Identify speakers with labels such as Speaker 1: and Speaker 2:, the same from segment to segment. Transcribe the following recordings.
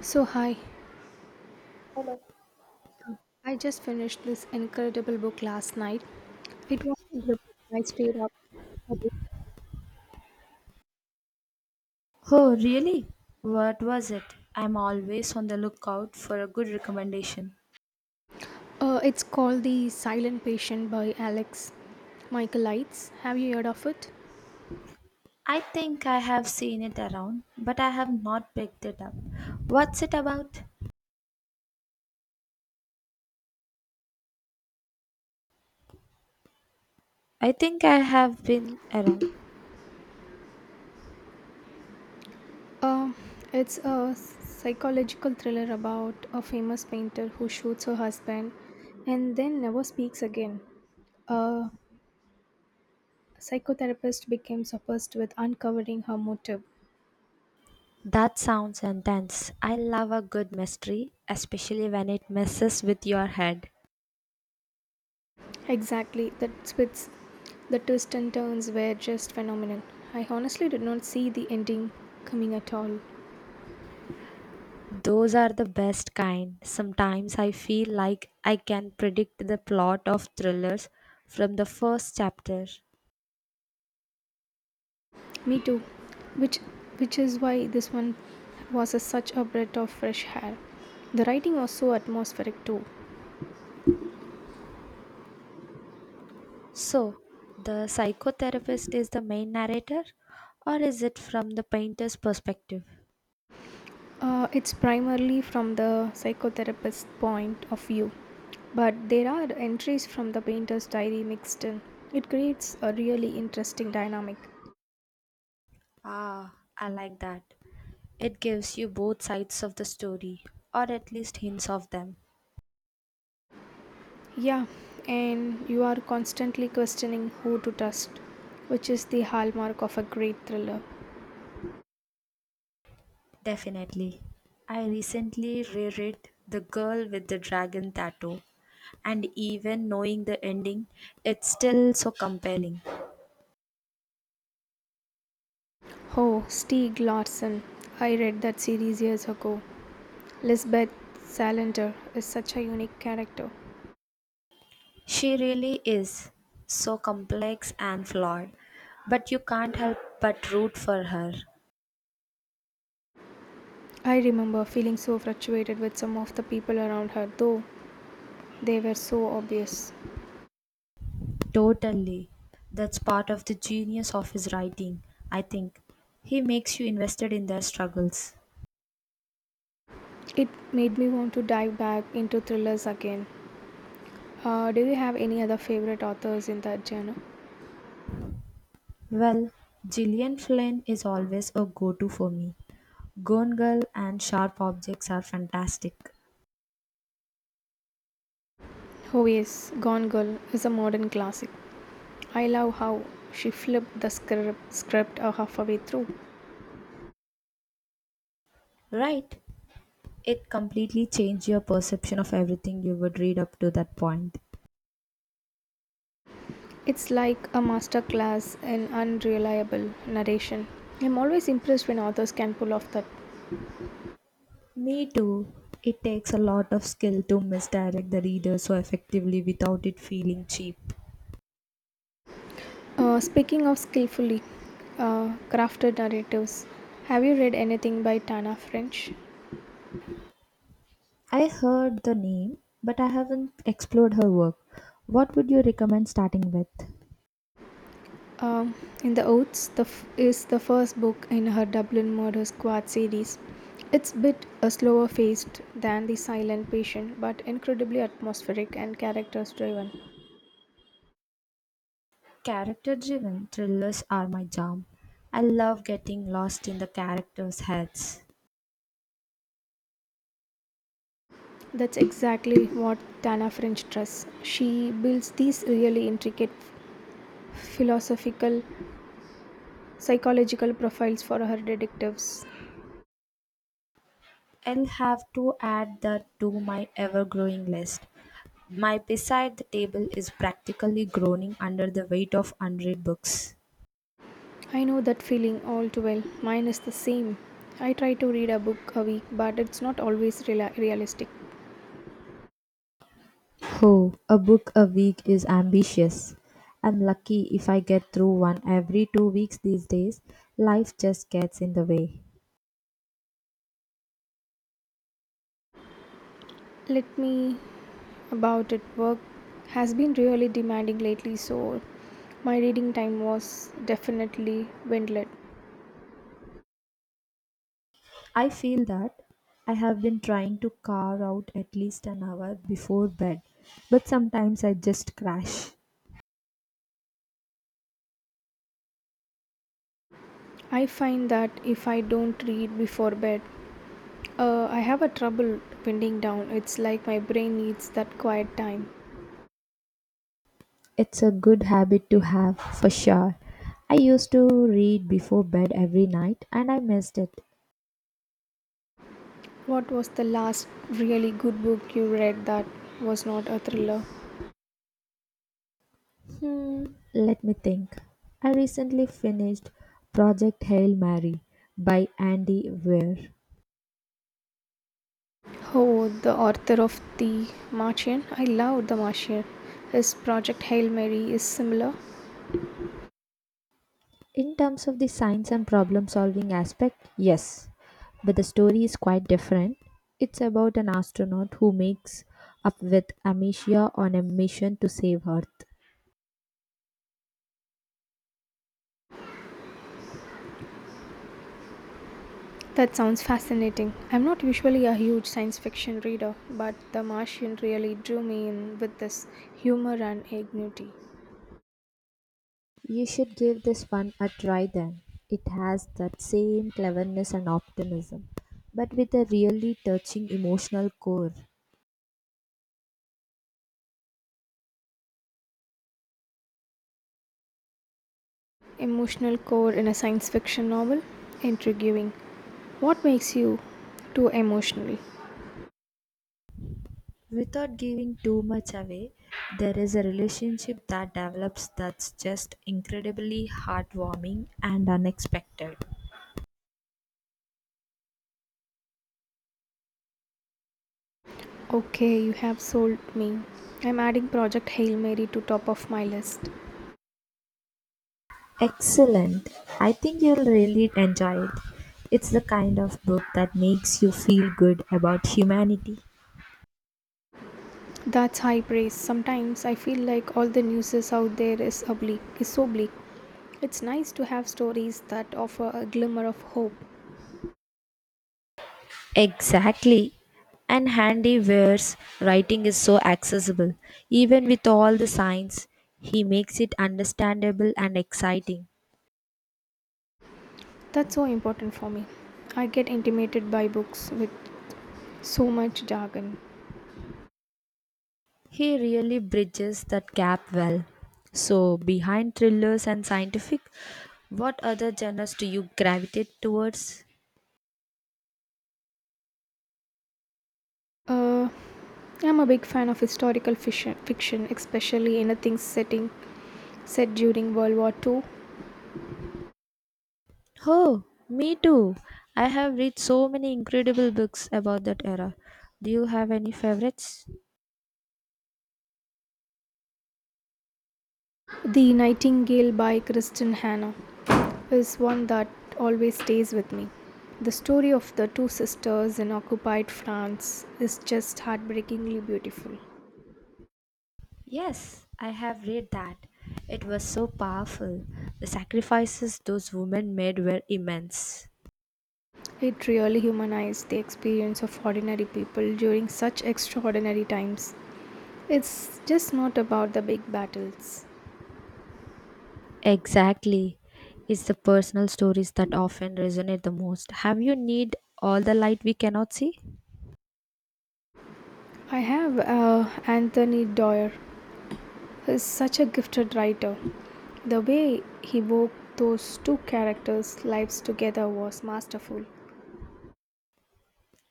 Speaker 1: So, hi. Um, I just finished this incredible book last night. It was a gripping. I stayed up.
Speaker 2: Oh, really? What was it? I'm always on the lookout for a good recommendation.
Speaker 1: It's called The Silent Patient by Alex Michaelides. Have you heard of it?
Speaker 2: I think I have seen it around, but I have not picked it up. What's it about? I think I have been around.
Speaker 1: Um, it's a psychological thriller about a famous painter who shoots her husband and then never speaks again. A psychotherapist becomes obsessed with uncovering her motive.
Speaker 2: That sounds intense. I love a good mystery, especially when it messes with your head.
Speaker 1: Exactly, that spits, the twists and turns were just phenomenal. I honestly did not see the ending coming at all.
Speaker 2: Those are the best kind. Sometimes I feel like I can predict the plot of thrillers from the first chapter.
Speaker 1: Me too, which which is why this one was a, such a breath of fresh air. The writing was so atmospheric too.
Speaker 2: So, the psychotherapist is the main narrator, or is it from the painter's perspective?
Speaker 1: It's primarily from the psychotherapist's point of view, but there are entries from the painter's diary mixed in. It creates a really interesting dynamic.
Speaker 2: Ah, I like that. It gives you both sides of the story, or at least hints of them.
Speaker 1: Yeah, and you are constantly questioning who to trust, which is the hallmark of a great thriller.
Speaker 2: Definitely. I recently reread The Girl with the Dragon Tattoo, and even knowing the ending, it's still so compelling.
Speaker 1: Oh, Stieg Larsson. I read that series years ago. Lisbeth Salander is such a unique character.
Speaker 2: She really is so complex and flawed, but you can't help but root for her.
Speaker 1: I remember feeling so frustrated with some of the people around her, though they were so obvious.
Speaker 2: Totally. That's part of the genius of his writing, I think. He makes you invested in their struggles.
Speaker 1: It made me want to dive back into thrillers again. Do you have any other favorite authors in that genre?
Speaker 2: Well, Gillian Flynn is always a go to for me. Gone Girl and Sharp Objects are fantastic.
Speaker 1: Oh, yes, Gone Girl is a modern classic. I love how she flipped the script halfway through.
Speaker 2: Right. It completely changed your perception of everything you would read up to that point.
Speaker 1: It's like a masterclass in unreliable narration. I'm always impressed when authors can pull off that.
Speaker 2: Me too. It takes a lot of skill to misdirect the reader so effectively without it feeling cheap.
Speaker 1: Speaking of skillfully crafted narratives, have you read anything by Tana French?
Speaker 2: I heard the name, but I haven't explored her work. What would you recommend starting with?
Speaker 1: Um, in the Oaths is the first book in her Dublin Murder Squad series. It's a bit a slower paced than the Silent Patient, but incredibly atmospheric and characters driven.
Speaker 2: Character driven thrillers are my jam. I love getting lost in the characters' heads.
Speaker 1: That's exactly what Tana French does. She builds these really intricate philosophical, psychological profiles for her detectives.
Speaker 2: I'll have to add that to my ever growing list. My beside the table is practically groaning under the weight of unread books.
Speaker 1: I know that feeling all too well. Mine is the same. I try to read a book a week, but it's not always realistic.
Speaker 2: Oh, a book a week is ambitious. I'm lucky if I get through one every 2 weeks these days. Life just gets in the way.
Speaker 1: Let me about it. Work has been really demanding lately, so my reading time was definitely dwindled.
Speaker 2: I feel that I have been trying to carve out at least an hour before bed, but sometimes I just crash.
Speaker 1: I find that if I don't read before bed, I have a trouble winding down. It's like my brain needs that quiet time.
Speaker 2: It's a good habit to have for sure. I used to read before bed every night and I missed it.
Speaker 1: What was the last really good book you read that was not a thriller?
Speaker 2: Hmm, let me think. I recently finished Project Hail Mary by Andy Weir.
Speaker 1: Oh, the author of The Martian. I love The Martian. His project Hail Mary is similar.
Speaker 2: In terms of the science and problem solving aspect, yes, but the story is quite different. It's about an astronaut who makes up with amnesia on a mission to save Earth.
Speaker 1: That sounds fascinating. I'm not usually a huge science fiction reader, but The Martian really drew me in with this humor and ingenuity.
Speaker 2: You should give this one a try then. It has that same cleverness and optimism, but with a really touching emotional core.
Speaker 1: Emotional core in a science fiction novel? Intriguing. What makes you too emotional?
Speaker 2: Without giving too much away, there is a relationship that develops that's just incredibly heartwarming and unexpected.
Speaker 1: Okay, you have sold me. I'm adding Project Hail Mary to top of my list.
Speaker 2: Excellent. I think you'll really enjoy it. It's the kind of book that makes you feel good about humanity.
Speaker 1: That's high praise. Sometimes I feel like all the news is out there is oblique, is so bleak. It's nice to have stories that offer a glimmer of hope.
Speaker 2: Exactly. And Handy Weir's writing is so accessible. Even with all the science, he makes it understandable and exciting.
Speaker 1: That's so important for me. I get intimidated by books with so much jargon.
Speaker 2: He really bridges that gap well. So, behind thrillers and scientific, what other genres do you gravitate towards?
Speaker 1: Uh, I'm a big fan of historical fiction, especially anything setting set during World War II.
Speaker 2: Oh, me too. I have read so many incredible books about that era. Do you have any favorites?
Speaker 1: The Nightingale by Kristen Hannah is one that always stays with me. The story of the two sisters in occupied France is just heartbreakingly beautiful.
Speaker 2: Yes, I have read that. It was so powerful. The sacrifices those women made were immense.
Speaker 1: It really humanized the experience of ordinary people during such extraordinary times. It's just not about the big battles.
Speaker 2: Exactly. It's the personal stories that often resonate the most. Have you need all the light we cannot see?
Speaker 1: I have Anthony Doerr. Is such a gifted writer. The way he wove those two characters' lives together was masterful.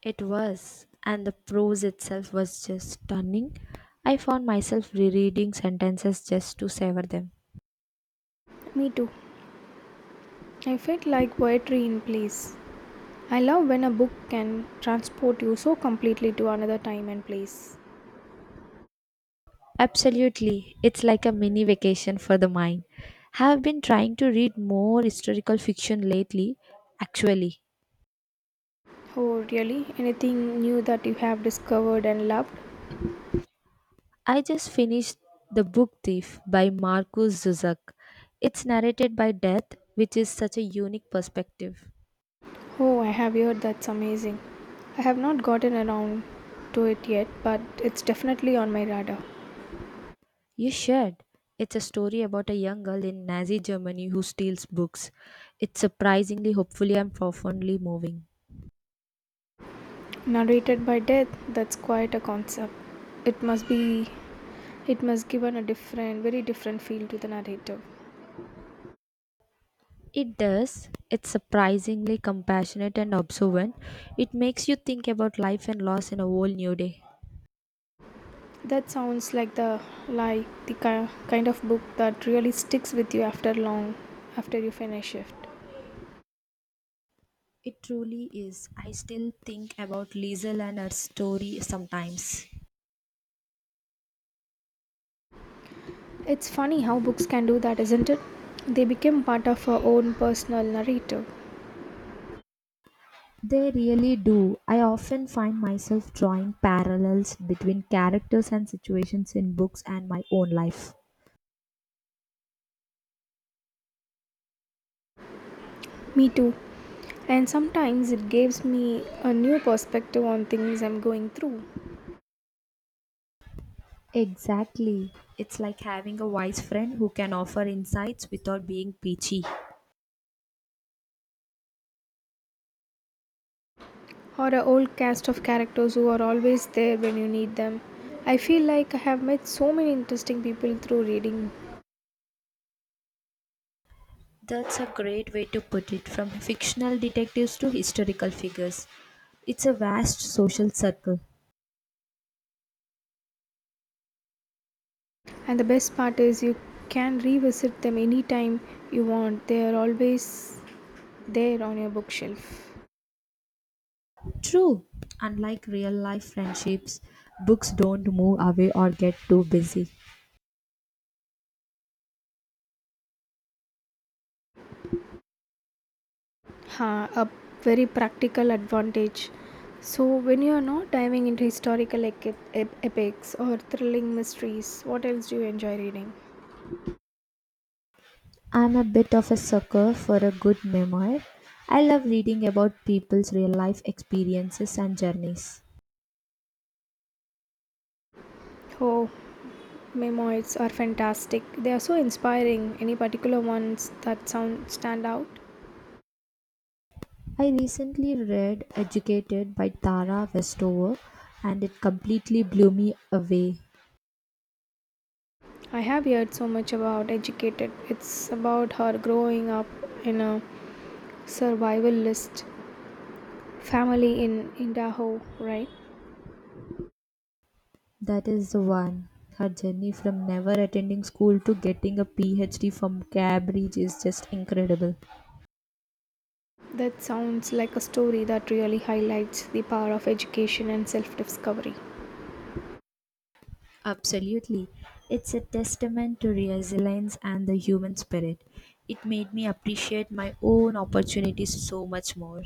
Speaker 2: It was, and the prose itself was just stunning. I found myself rereading sentences just to savor them.
Speaker 1: Me too. I felt like poetry in place. I love when a book can transport you so completely to another time and place.
Speaker 2: Absolutely. It's like a mini vacation for the mind. Have been trying to read more historical fiction lately. Actually,
Speaker 1: Oh, really? Anything new that you have discovered and loved?
Speaker 2: I just finished The Book Thief by Marcus Zuzak. It's narrated by Death, which is such a unique perspective.
Speaker 1: Oh, I have heard that's amazing. I have not gotten around to it yet, but it's definitely on my radar.
Speaker 2: You should. It's a story about a young girl in Nazi Germany who steals books. It's surprisingly hopefully and profoundly moving.
Speaker 1: Narrated by death, that's quite a concept. It must be, it must give an a different very different feel to the narrative.
Speaker 2: It does. It's surprisingly compassionate and observant. It makes you think about life and loss in a whole new day.
Speaker 1: That sounds like the kind of book that really sticks with you after long after you finish it.
Speaker 2: It truly is. I still think about Liesel and her story sometimes.
Speaker 1: It's funny how books can do that, isn't it? They become part of our own personal narrative.
Speaker 2: They really do. I often find myself drawing parallels between characters and situations in books and my own life.
Speaker 1: Me too, and sometimes it gives me a new perspective on things I'm going through.
Speaker 2: Exactly. It's like having a wise friend who can offer insights without being preachy.
Speaker 1: Or a old cast of characters who are always there when you need them. I feel like I have met so many interesting people through reading,
Speaker 2: That's a great way to put it from fictional detectives to historical figures. It's a vast social circle.
Speaker 1: and the best part is you can revisit them anytime you want. They are always there on your bookshelf.
Speaker 2: True, unlike real life friendships, books don't move away or get too busy.
Speaker 1: Huh, a very practical advantage. So, when you are not diving into historical epics or thrilling mysteries, what else do you enjoy reading?
Speaker 2: I'm a bit of a sucker for a good memoir. I love reading about people's real life experiences and journeys.
Speaker 1: Oh, memoirs are fantastic. They are so inspiring. Any particular ones that sound stand out?
Speaker 2: I recently read Educated by Tara Westover and it completely blew me away.
Speaker 1: I have heard so much about Educated. It's about her growing up in a survivalist family in Idaho, right?
Speaker 2: That is the one. Her journey from never attending school to getting a PhD from Cambridge is just incredible.
Speaker 1: That sounds like a story that really highlights the power of education and self discovery.
Speaker 2: Absolutely. It's a testament to resilience and the human spirit. It made me appreciate my own opportunities so much more.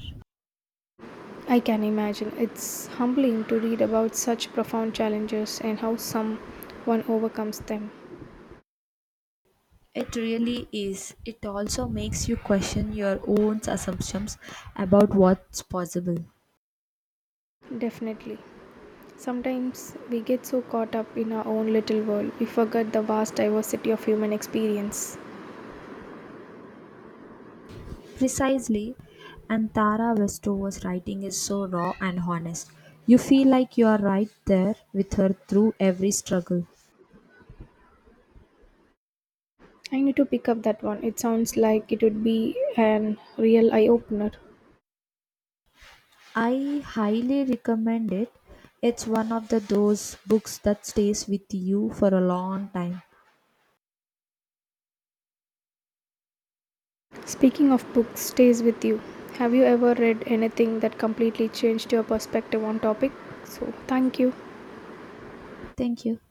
Speaker 1: I can imagine it's humbling to read about such profound challenges and how someone overcomes them.
Speaker 2: It really is. It also makes you question your own assumptions about what's possible.
Speaker 1: Definitely. Sometimes we get so caught up in our own little world, we forget the vast diversity of human experience.
Speaker 2: Precisely, and Tara Westover's writing is so raw and honest. You feel like you are right there with her through every struggle.
Speaker 1: I need to pick up that one. It sounds like it would be an real eye opener.
Speaker 2: I highly recommend it. It's one of the those books that stays with you for a long time.
Speaker 1: Speaking of books, stays with you. Have you ever read anything that completely changed your perspective on topic? So, thank you.
Speaker 2: Thank you.